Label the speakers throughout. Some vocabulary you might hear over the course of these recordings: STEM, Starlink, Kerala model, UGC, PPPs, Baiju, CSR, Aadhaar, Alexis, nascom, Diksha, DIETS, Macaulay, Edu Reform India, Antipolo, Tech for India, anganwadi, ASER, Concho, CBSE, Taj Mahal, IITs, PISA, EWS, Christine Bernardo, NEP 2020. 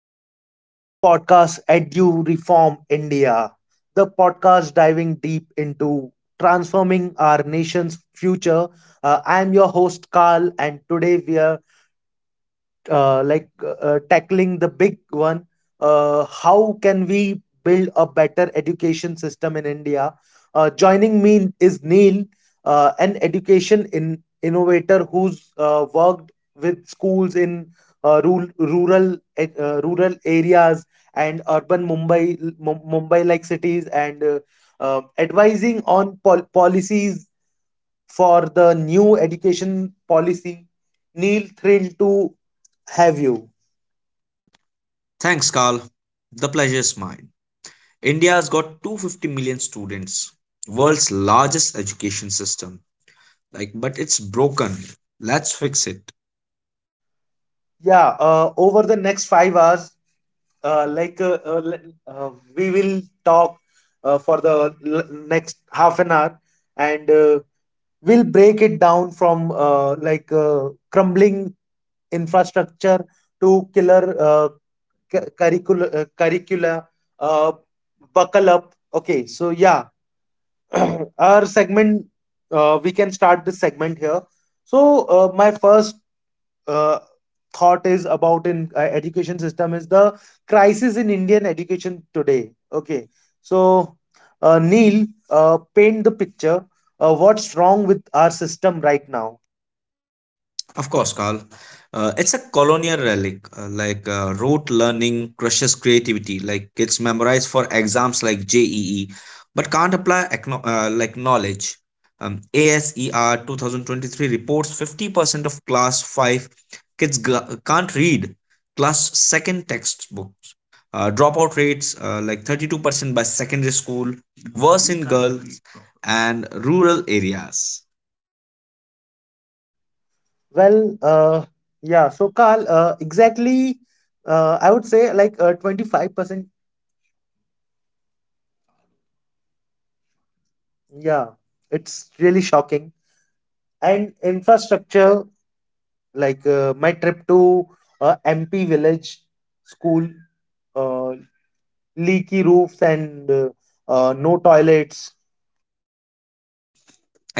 Speaker 1: welcome to another podcast, Edu Reform India, the podcast diving deep into transforming our nation's future. I am your host, Carl, and today we are tackling the big one. How can we build a better education system in India? Joining me is Neil, an education in innovator who's worked with schools in rural areas and urban Mumbai, like cities, and advising on policies for the new education policy. Neil, thrilled to have you.
Speaker 2: Thanks, Carl. The pleasure is mine. India's got 250 million students, world's largest education system. But it's broken. Let's fix it.
Speaker 1: Yeah. Over the next 5 hours, uh, like uh, uh, le- uh, we will talk for the next half an hour, and we'll break it down from crumbling infrastructure to killer curriculauh, Buckle up. Okay, so yeah. Our segment, we can start this segment here. so my first uh, thought is about in education system is the crisis in Indian education today. Okay. so Neil, paint the picture. What's wrong with our system right now?
Speaker 2: Of course, Carl. It's a colonial relic. Rote learning crushes creativity. Like kids memorize for exams like JEE, but can't apply knowledge. ASER 2023 reports 50% of class 5 kids can't read class 2nd textbooks. Dropout rates 32% by secondary school, worse in girls and rural areas.
Speaker 1: Well. uh, yeah. Carl, exactly. I would say like 25%. Yeah, it's really shocking. And infrastructure, like my trip to MP village school, uh, leaky roofs, and no toilets.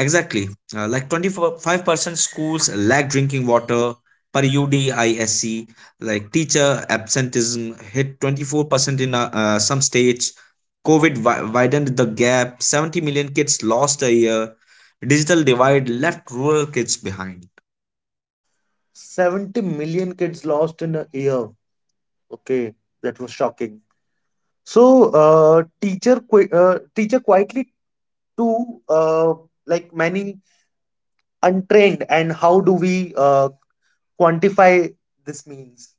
Speaker 2: Exactly. 25% schools lack drinking water per UDISC. Like teacher absenteeism hit 24% in some states. COVID widened the gap. 70 million kids lost a year. Digital divide left rural kids behind.
Speaker 1: 70 million kids lost in a year. Okay, that was shocking. So, teacher quietly to, like many untrained, and how do we quantify this means?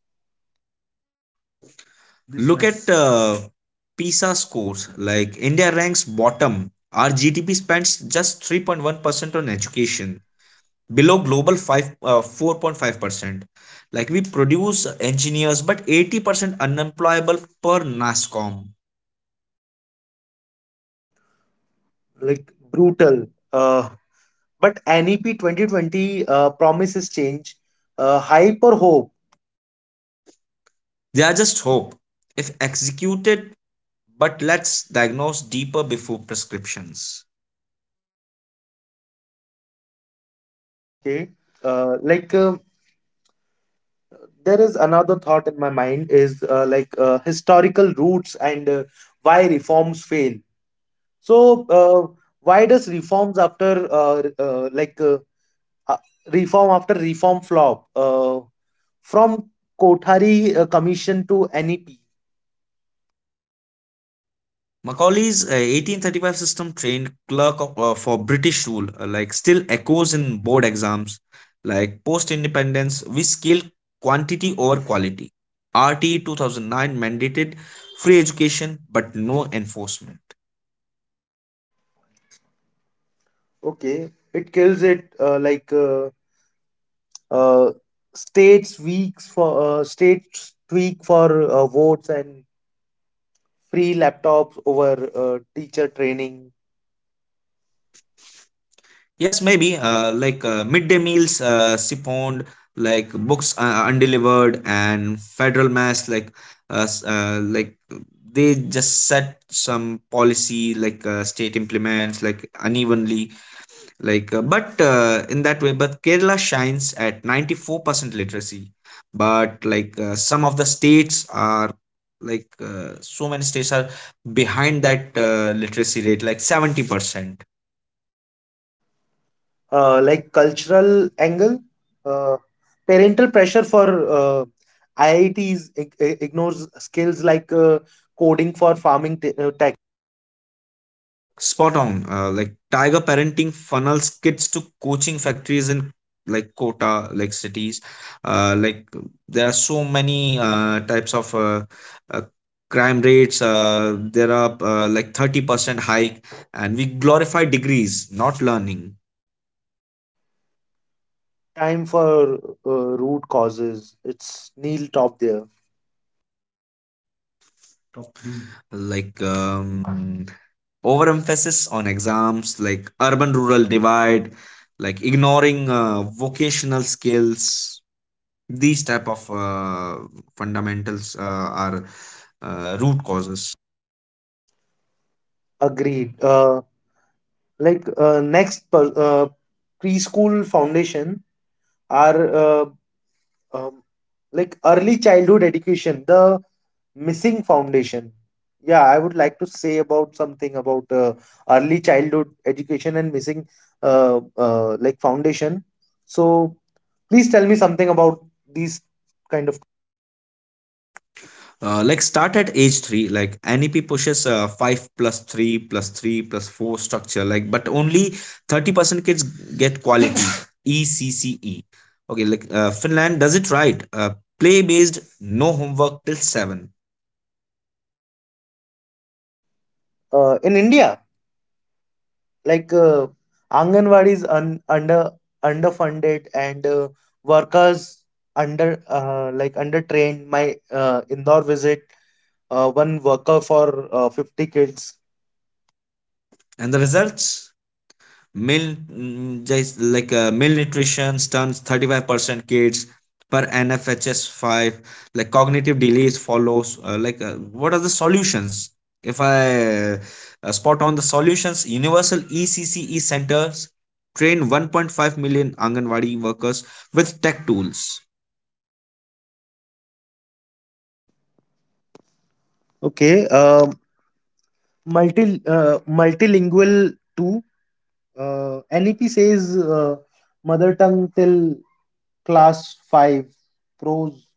Speaker 2: This Look at was PISA scores. Like India ranks bottom. Our GDP spends just 3.1% on education, below global four point 5 uh, 4.5%. Like we produce engineers, but 80% unemployable per nascom.
Speaker 1: Like brutal. But NEP 2020 promises change. Hype or hope?
Speaker 2: They are just hope if executed, but let's diagnose deeper before prescriptions.
Speaker 1: Okay. uh, like uh, there is another thought in my mind is historical roots and why reforms fail. So uh, why does reforms after uh, reform after reform flop? From Kothari Commission to NEP.
Speaker 2: Macaulay's 1835 system trained clerk of, for british rule, still echoes in board exams. Like post independence, we scaled quantity over quality. RT 2009 mandated free education, but no enforcement.
Speaker 1: Okay, it kills it, like. Uh, States tweak for votes, and free laptops over teacher training.
Speaker 2: Yes, maybe midday meals siphoned, like books undelivered, and federal mass, uh, s- uh, like they just set some policy, like state implements, like unevenly, like but in that way. But Kerala shines at 94% literacy, but like some of the states are like so many states are behind that literacy rate, like 70%.
Speaker 1: Cultural angle. uh, Parental pressure for IITs ignores skills like coding for farming tech.
Speaker 2: Spot on. Tiger Parenting funnels kids to coaching factories in Kota, like cities. Like there are so many types of uh, Crime rates, there are 30% hike, and we glorify degrees, not learning.
Speaker 1: Time for root causes, it's Neil top there.
Speaker 2: Like um, Overemphasis on exams, like urban rural divide, like ignoring vocational skills. These type of fundamentals are root causes.
Speaker 1: Agreed. Next preschool foundation are uh, early childhood education, the missing foundation. Yeah, I would like to say about something about early childhood education and missing uh, foundation. So please tell me something about these kind of.
Speaker 2: Start at age 3. Like NEP pushes 5 plus 3 plus 3 plus 4 structure, like but only 30% kids get quality ECCE. Okay, Finland does it right, play based, no homework till 7.
Speaker 1: In India, like Anganwadi is under underfunded, and workers under under trained. My Indore visit, one worker for 50 kids.
Speaker 2: And the results? Malnutrition, stunts 35% kids per NFHS 5. Like cognitive delays follows. What are the solutions? If I Spot on the solutions, universal ECCE centers, train 1.5 million Anganwadi workers with tech tools.
Speaker 1: Okay. Multilingual too. NEP says mother tongue till class five. Pros?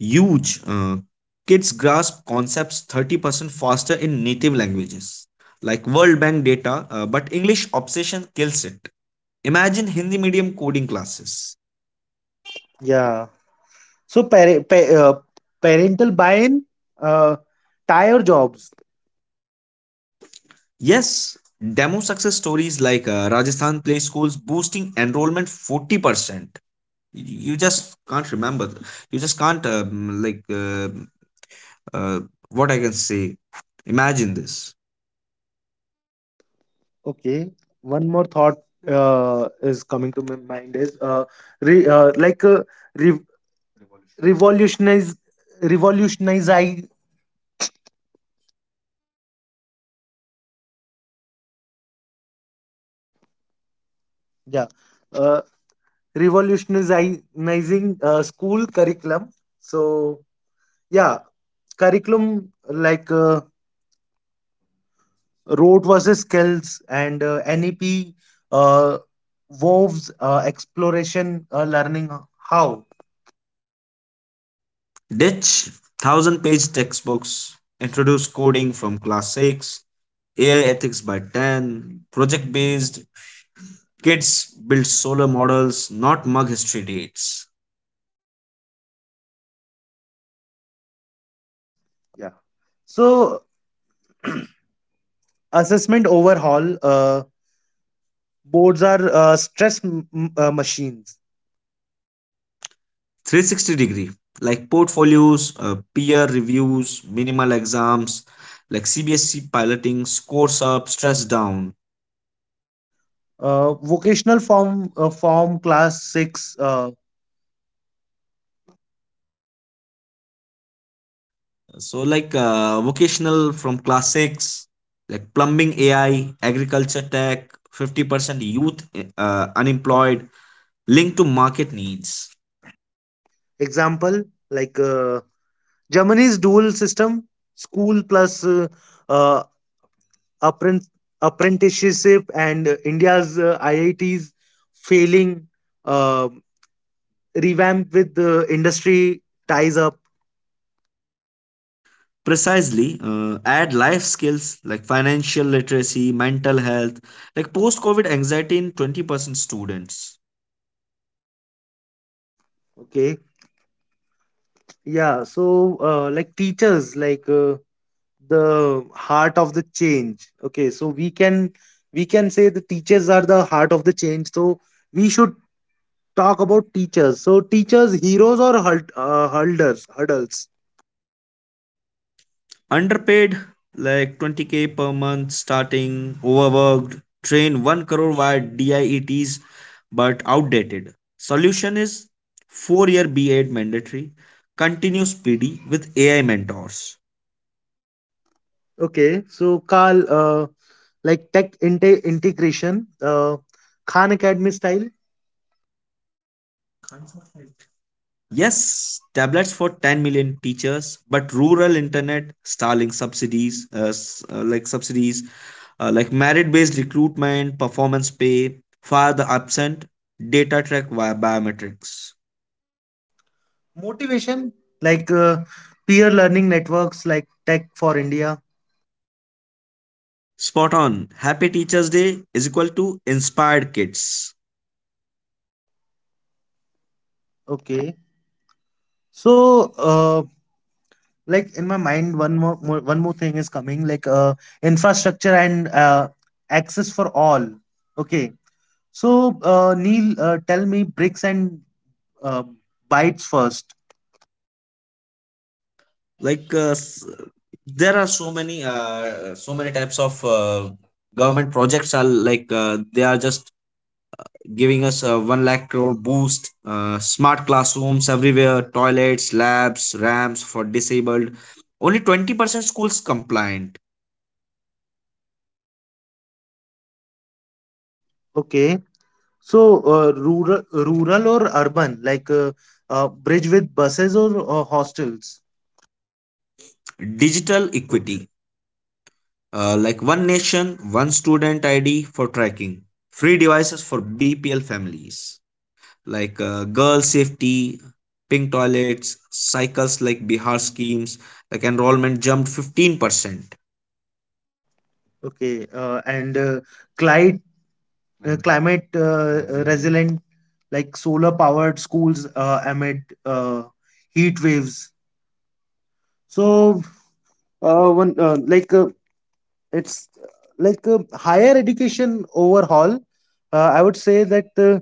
Speaker 2: Huge. Kids grasp concepts 30% faster in native languages, like world bank data, but english obsession kills it. Imagine Hindi medium coding classes.
Speaker 1: Yeah. So parental buy-in. Uh, Tire jobs.
Speaker 2: Yes, demo success stories like Rajasthan Play Schools boosting enrollment 40%. You just can't remember. You just can't, like, uh, what I can say. Imagine this.
Speaker 1: Okay. One more thought is coming to my mind is re- uh, like uh, re- revolutionize revolutionize, yeah. uh, Revolutionizing school curriculum. So yeah. Curriculum, like rote versus skills, and NEP uh, woves exploration learning how.
Speaker 2: Ditch thousand page textbooks, introduce coding from class 6, AI ethics by 10, project based, kids build solar models, not mug history dates.
Speaker 1: Yeah. So assessment overhaul. Boards are stress machines.
Speaker 2: 360 degree, like portfolios, peer reviews, minimal exams, like CBSC piloting, scores up stress down.
Speaker 1: Vocational form class six.
Speaker 2: So vocational from class 6, like plumbing, AI, agriculture tech, 50% youth unemployed, linked to market needs.
Speaker 1: Example, like Germany's dual system, school plus uh, appren- apprenticeship, and India's IITs failing, uh, revamp with the industry ties up.
Speaker 2: Precisely, add life skills like financial literacy, mental health, like post COVID anxiety in 20% students.
Speaker 1: Okay, yeah. Teachers, like the heart of the change. Okay, so we can say the teachers are the heart of the change. So we should talk about teachers. So teachers, heroes or hurdles?
Speaker 2: Underpaid, like 20k per month starting, overworked. Train 1 crore via diets, but outdated. Solution is 4-year b8 mandatory, continuous PD with AI mentors.
Speaker 1: Okay. So Carl, tech integration, Khan Academy style,
Speaker 2: Yes, tablets for 10 million teachers, but rural internet, starlink subsidies, subsidies, merit based recruitment, performance pay for the absent, data track via biometrics.
Speaker 1: motivation, like peer learning networks, like Tech for India.
Speaker 2: Spot on. Happy Teachers Day is equal to inspired kids.
Speaker 1: Okay. So uh, in my mind, one more thing is coming, like infrastructure and access for all. Okay. Neil, tell me bricks and uh, bytes first.
Speaker 2: Like s- there are so many so many types of Government projects are they are just giving us a 1 lakh crore boost, smart classrooms everywhere, toilets, labs, ramps for disabled, only 20% schools compliant.
Speaker 1: Okay. So, rural or urban, like bridge with buses or, hostels.
Speaker 2: Digital equity, one nation one student ID for tracking, free devices for BPL families, girl safety, pink toilets, cycles like Bihar schemes, like enrollment jumped 15%.
Speaker 1: Okay. And climate, climate resilient, like solar powered schools amid heat waves. So, one like it's higher education overhaul. I would say that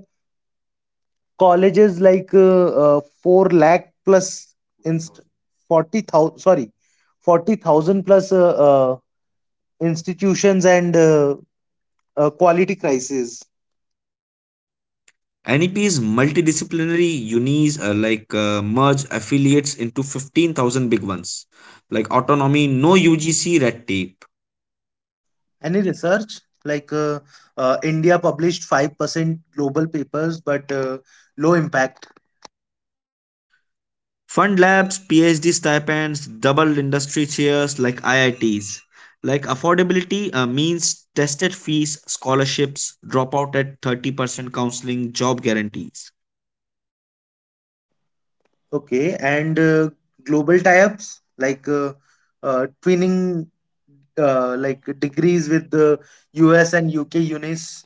Speaker 1: colleges, like 4 lakh plus inst- 40,000, sorry, 40,000 plus institutions, and quality crisis.
Speaker 2: NEP's multidisciplinary unis, merge affiliates into 15,000 big ones. Like autonomy, no UGC red tape.
Speaker 1: Any research, like India published 5% global papers, but low impact.
Speaker 2: Fund labs, PhD stipends, double industry chairs like IITs. Like affordability, means tested fees, scholarships, dropout at 30%, counseling, job guarantees.
Speaker 1: Okay, and global tie-ups, like twinning, degrees with the US and UK unis.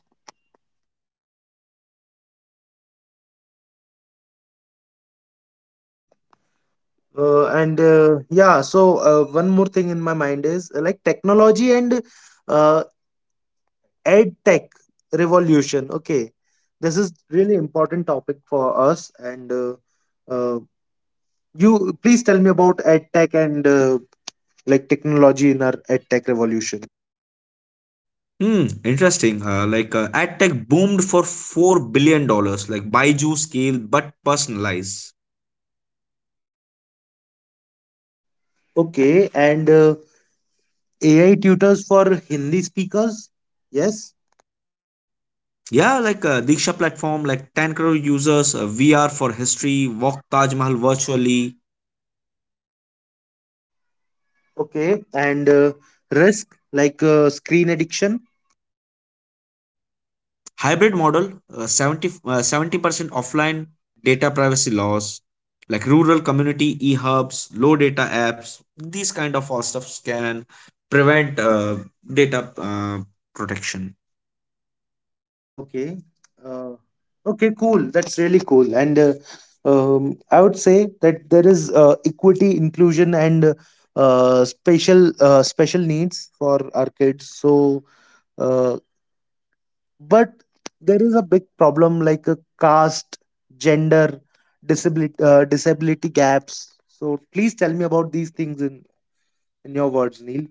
Speaker 1: And yeah, one more thing in my mind is technology and uh, ed tech revolution. Okay, this is really important topic for us. And uh, you please tell me about ed tech and technology in our ed tech revolution.
Speaker 2: Hmm, interesting. Ad tech boomed for $4 billion, like Baiju scale, but personalized.
Speaker 1: Okay, and AI tutors for Hindi speakers. Yes.
Speaker 2: Yeah, Diksha platform, like 10 crore users, VR for history, walk Taj Mahal virtually.
Speaker 1: Okay, and risk, like screen addiction.
Speaker 2: Hybrid model, 70% offline, data privacy laws, like rural community e-hubs, low data apps. These kind of all stuffs can prevent data protection.
Speaker 1: Okay. Uh, okay, cool. That's really cool. And I would say that there is equity, inclusion, and special needs for our kids. So, uh, but there is a big problem like a caste, gender, disability gaps. So, please tell me about these things in your words, Neil.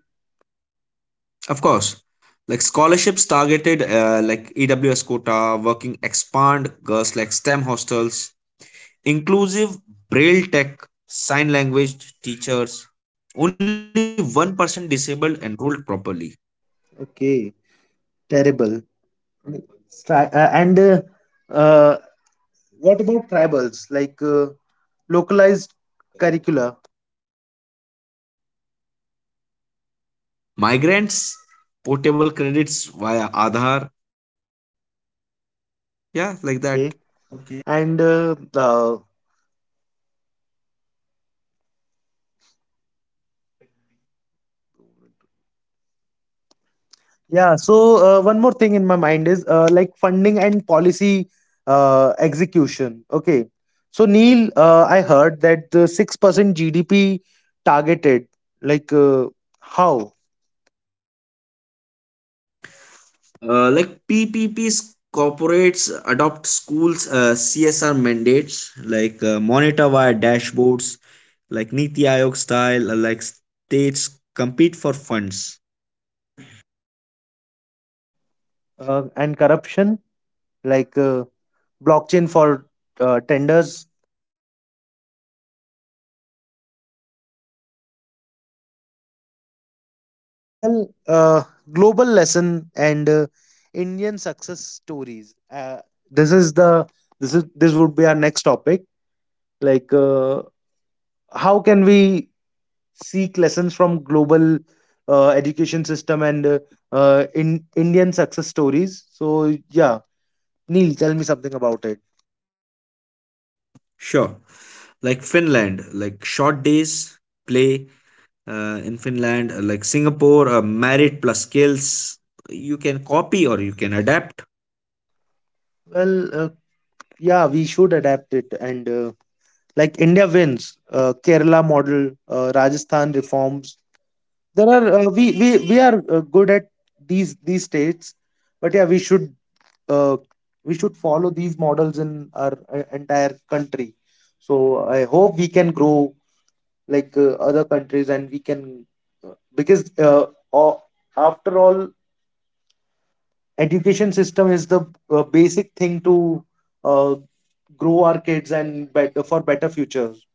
Speaker 2: Of course, like scholarships targeted, EWS quota, working, expand girls like STEM hostels, inclusive braille tech, sign language teachers. Only 1% disabled enrolled properly.
Speaker 1: Okay, terrible. And uh, what about tribals? Like. Localized curricula.
Speaker 2: Migrants, portable credits via Aadhaar. Yeah, like that.
Speaker 1: Okay, and uh, yeah. One more thing in my mind is funding and policy execution. Okay. So Neil, I heard that the 6% GDP targeted. Like how?
Speaker 2: PPPs, corporates adopt schools, CSR mandates, monitor via dashboards, like Niti Aayog style, states compete for funds.
Speaker 1: And corruption, like blockchain for tenders. Well, global lesson and Indian success stories. This is this would be our next topic. Like, how can we seek lessons from global education system and in Indian success stories? So yeah, Neil, tell me something about it.
Speaker 2: Sure, like Finland, like short days, play in Finland, like Singapore, merit plus skills. You can copy or you can adapt.
Speaker 1: Well, yeah, we should adapt it. And India wins, Kerala model, Rajasthan reforms, there are we are good at these states. But yeah, we should, uh, follow these models in our entire country. So I hope we can grow like other countries, and we can. uh, because a- after all, education system is the basic thing to uh, grow our kids and better for better futures.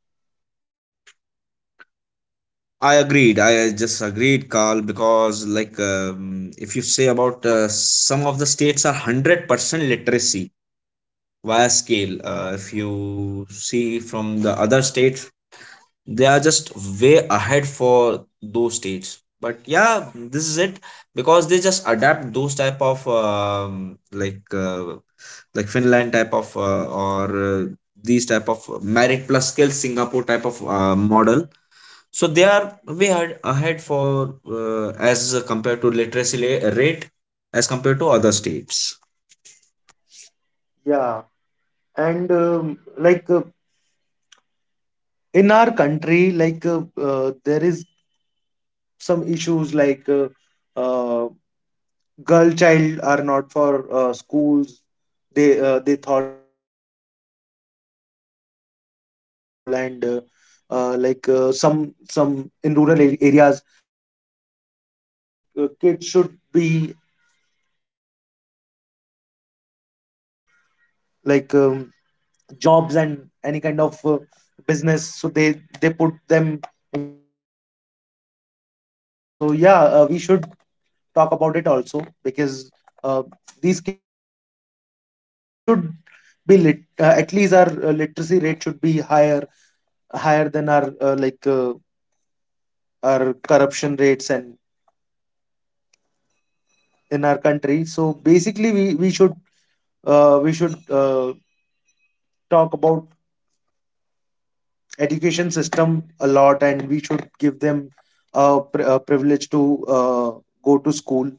Speaker 2: I agreed. I just agreed, Carl, because if you say about some of the states are 100% literacy via scale. If you see from the other states, they are just way ahead for those states. But yeah, this is it, because they just adapt those type of like Finland type of or these type of merit plus skill Singapore type of model, so they are ahead for, as compared to literacy rate as compared to other states.
Speaker 1: Yeah. And like uh, in our country, like there is some issues, like uh, girl child are not for schools. They thought that girl child should not go to school. And some in rural areas, people think that kids should be entered into, like, jobs and any kind of business. So they put them into job and businesses. So yeah, we should talk about it also. Because uh, these kids are the future in our country. So they should at least our literacy rate should be higher than our our corruption rates and in our country. So basically, we should, uh, we should uh, talk about education system a lot, and we should give them a privilege to uh, go to school.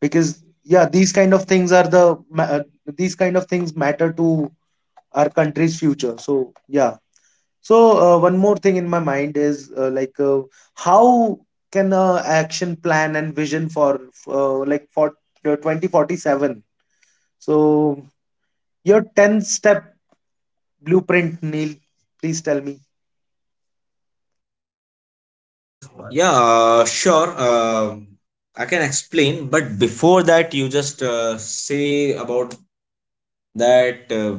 Speaker 1: Because yeah, these kind of things matter to our country's future. So yeah. so One more thing in my mind is how can action plan and vision for for 2047. So your 10 step blueprint, Neil, please tell me.
Speaker 2: Yeah, sure. I can explain, but before that, you just say about that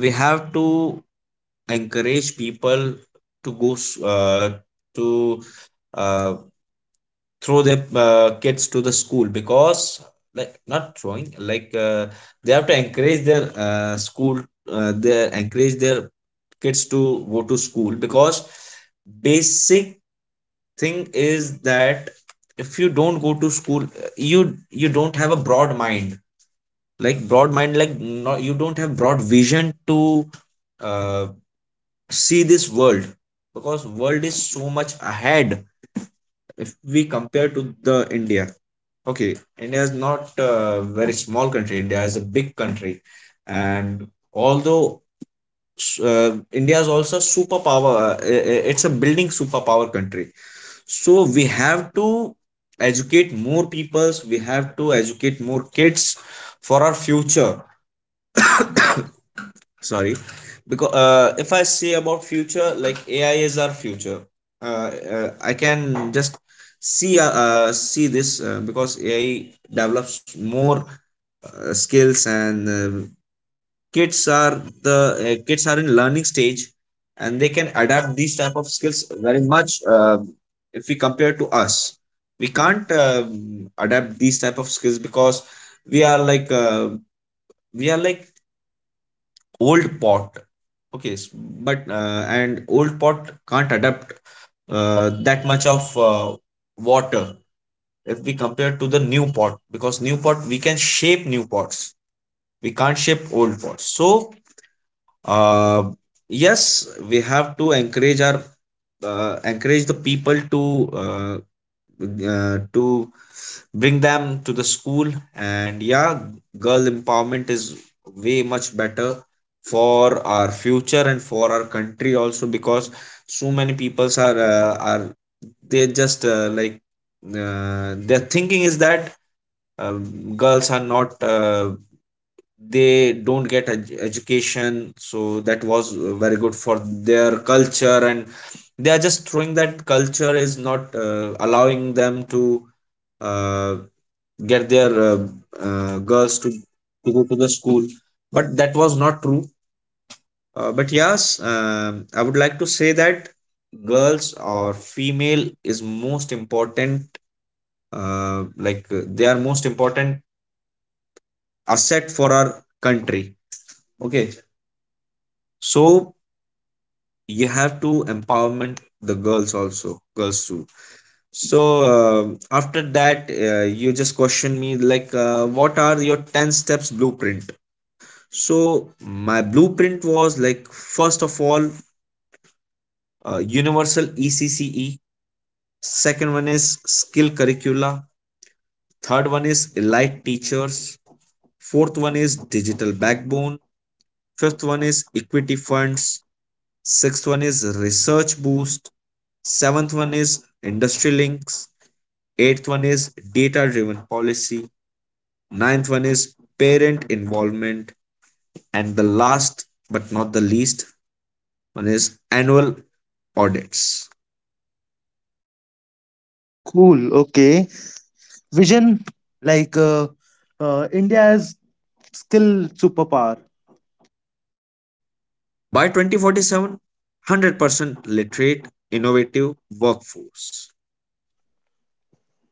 Speaker 2: we have to encourage people to to uh, throw their kids to the school, because not throwing, like they have to encourage their uh, they encourage their kids to go to school, because basic thing is that if you don't go to school, you don't have a broad mind, like broad mind, like not, you don't have broad vision to uh, see this world, because world is so much ahead if we compare to the india. Okay, India is not a very small country. India is a big country, and although, India is also a superpower, it's a building superpower country. So we have to educate more peoples. We have to educate more kids for our future. Sorry, because if I say about future, like AI is our future. Uh, I can just see this, because AI develops more skills, and kids are in learning stage, and they can adapt these type of skills very much. If we compare to us, we can't adapt these type of skills, because we are like uh, we are like old pot. Okay, s- but and old pot can't adapt that much of water if we compare to the new pot, because new pot, we can shape new pots. We can't shape old pots. So uh, yes, we have to encourage the people uh, to bring them to the school. And yeah, girl empowerment is way much better for our future and for our country also, because so many peoples are, they just their thinking is that girls are not, they don't get education, so that was very good for their culture, and they are just throwing that culture is not allowing them to uh, get their girls to go to the school. But that was not true. But yes, I would like to say that girls or female is most important. They are most important asset for our country. Okay, so you have to empowerment the girls also, girls too. So after that, you just question me like, what are your 10 steps blueprint? So my blueprint was like, first of all, universal ECCE. Second one is skill curricula. Third one is elite teachers. Fourth one is digital backbone. Fifth one is equity funds. Sixth one is research boost. Seventh one is industry links. Eighth one is data driven policy. Ninth one is parent involvement. And the last, but not the least, one is annual audits.
Speaker 1: Cool, okay. Vision, like India's skill superpower.
Speaker 2: By 2047, 100% literate, innovative workforce.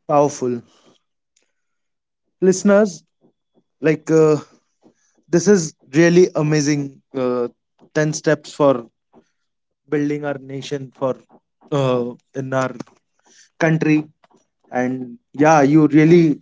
Speaker 1: Powerful. Listeners, like this is really amazing. uh, 10 steps for building our nation for uh, in our country. And yeah, you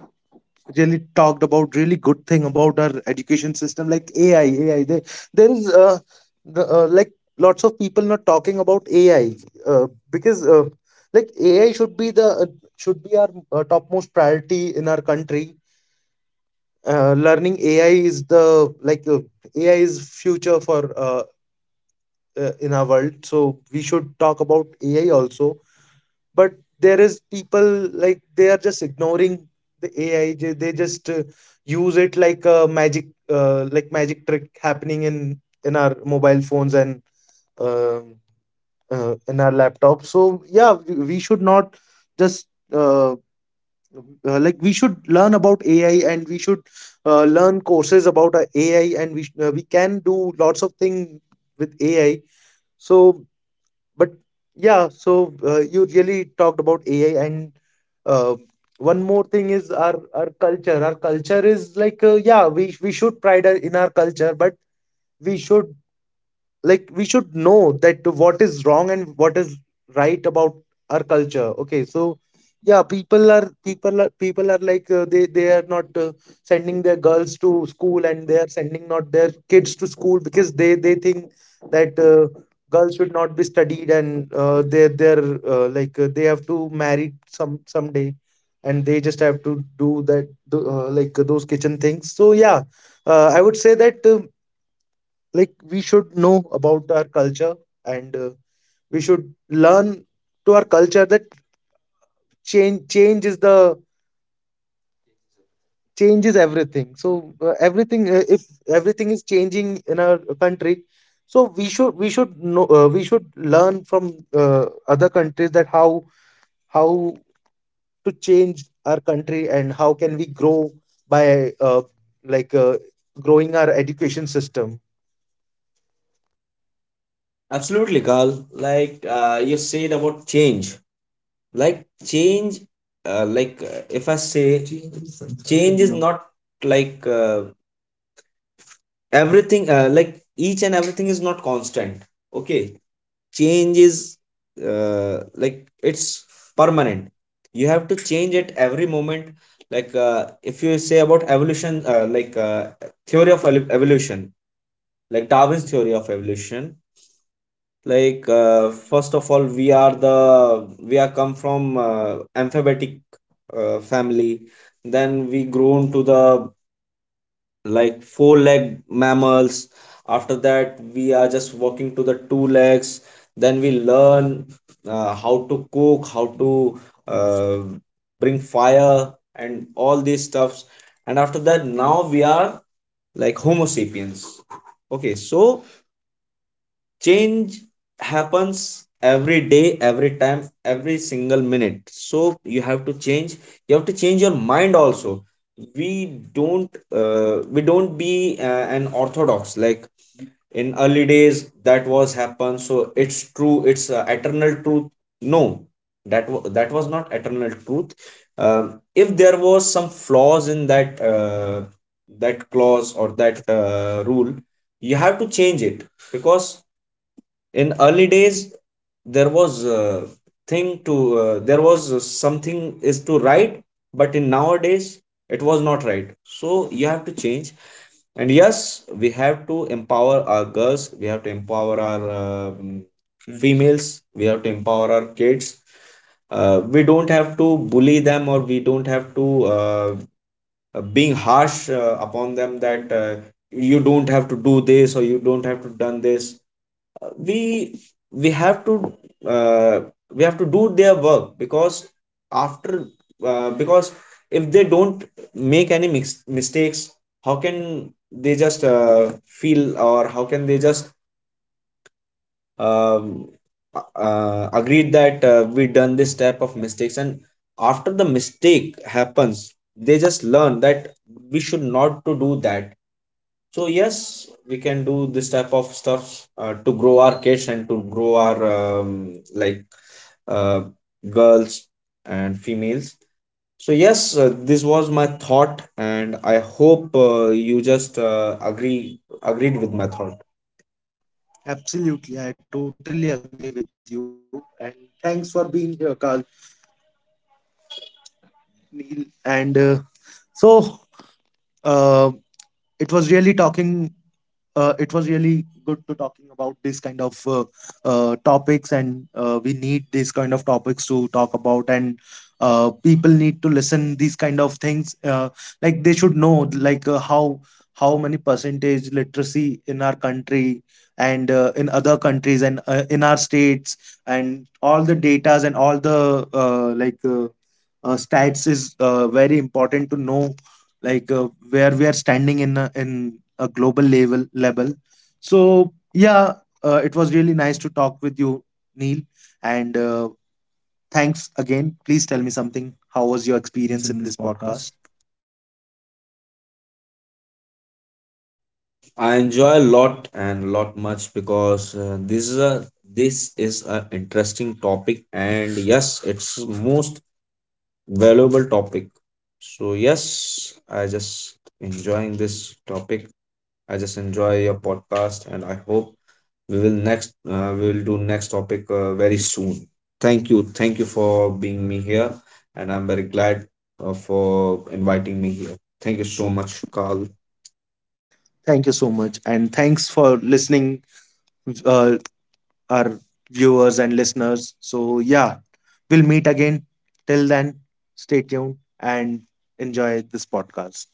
Speaker 1: really talked about really good thing about our education system, like AI. AI, there is the, like lots of people not talking about AI, uh, because AI should be the, should be our topmost priority in our country. Learning AI is the, like AI is future for in our world. So we should talk about AI also. But there is people, like they are just ignoring the AI. They just use it like a magic, magic trick happening in our mobile phones and uh, in our laptops. So yeah, we should not just, we should learn about AI, and we should learn courses about AI, and we can do lots of things with AI. So. But yeah, you really talked about AI. And uh, one more thing is our culture. Is like, yeah, we should pride in our culture. But we should, like, we should know that what is wrong and what is right about our culture. Okay. So yeah, people are, like, they are not sending their girls to school, and they are sending not their kids to school, because they think that girls should not be studied. And they're, they have to marry someday, and they just have to do that do, those kitchen things. So yeah, I would say that we should know about our culture, and we should learn to our culture that change changes the changes everything. So everything if everything is changing in our country, so we should, know. We should learn from other countries that how how to change our country, and how can we grow by like uh, growing our education system.
Speaker 2: Absolutely, Carl. You said about change. Like change, if I say change is not like uh, everything. Each and everything is not constant. Okay, change is, it's permanent. You have to change at every moment. If you say about evolution, evolution, like Darwin's theory of evolution, like first of all, we are the, we are come from amphibic family. Then we grown to the like four leg mammals. After that, we are just walking to the two legs. Then we learn how to cook, how to uh, bring fire and all these stuffs. And after that, now we are like homo sapiens. Okay, so change happens every day, every time, every single minute. So you have to change. You have to change your mind also. We don't uh, we don't be an orthodox, like in early days that was happened, so it's true, it's eternal truth. No, that was not eternal truth. If there was some flaws in that, that clause or that rule, you have to change it. Because in early days, there was a thing to, there was something is to write, but in nowadays, it was not right. So you have to change. And yes, we have to empower our girls. We have to empower our females. We have to empower our kids. We don't have to bully them, or we don't have to uh, being harsh upon them that, you don't have to do this, or you don't have to done this. We we have to uh, we have to do their work, because after because if they don't mistakes, how can they just feel, or how can they just um, agreed that, we done this type of mistakes, and after the mistake happens, they just learn that we should not to do that. So yes, we can do this type of stuff to grow our kids and to grow our uh, girls and females. So yes, this was my thought, and I hope you just agreed with my thought.
Speaker 1: Absolutely, I totally agree with you, and thanks for being here, carl Neil. And so uh, it was really talking it was really good to talking about this kind of topics. And we need these kind of topics to talk about. And people need to listen these kind of things, they should know, like, how many percentage literacy in our country, and in other countries, and in our states, and all the datas and all the stats is very important to know, like where we are standing in a, global level. So yeah, it was really nice to talk with you, Neil. And thanks again. Please tell me something, how was your
Speaker 2: Experience
Speaker 1: experience
Speaker 2: in
Speaker 1: in
Speaker 2: this
Speaker 1: this
Speaker 2: podcast,
Speaker 1: podcast?
Speaker 2: I enjoy a lot and lot much, because this is a, this is a interesting topic, and yes, it's most valuable topic. So yes, I just enjoying this topic. I just enjoy your podcast, and I hope we will next, we will do next topic very soon. Thank you for being me here, and I'm very glad for inviting me here. Thank
Speaker 1: Thank you
Speaker 2: you so
Speaker 1: so
Speaker 2: much,
Speaker 1: much.
Speaker 2: Carl.
Speaker 1: Thank you so much, and thanks for listening, uh, our viewers and listeners. So yeah, we'll meet again. Till then, stay tuned and enjoy this podcast.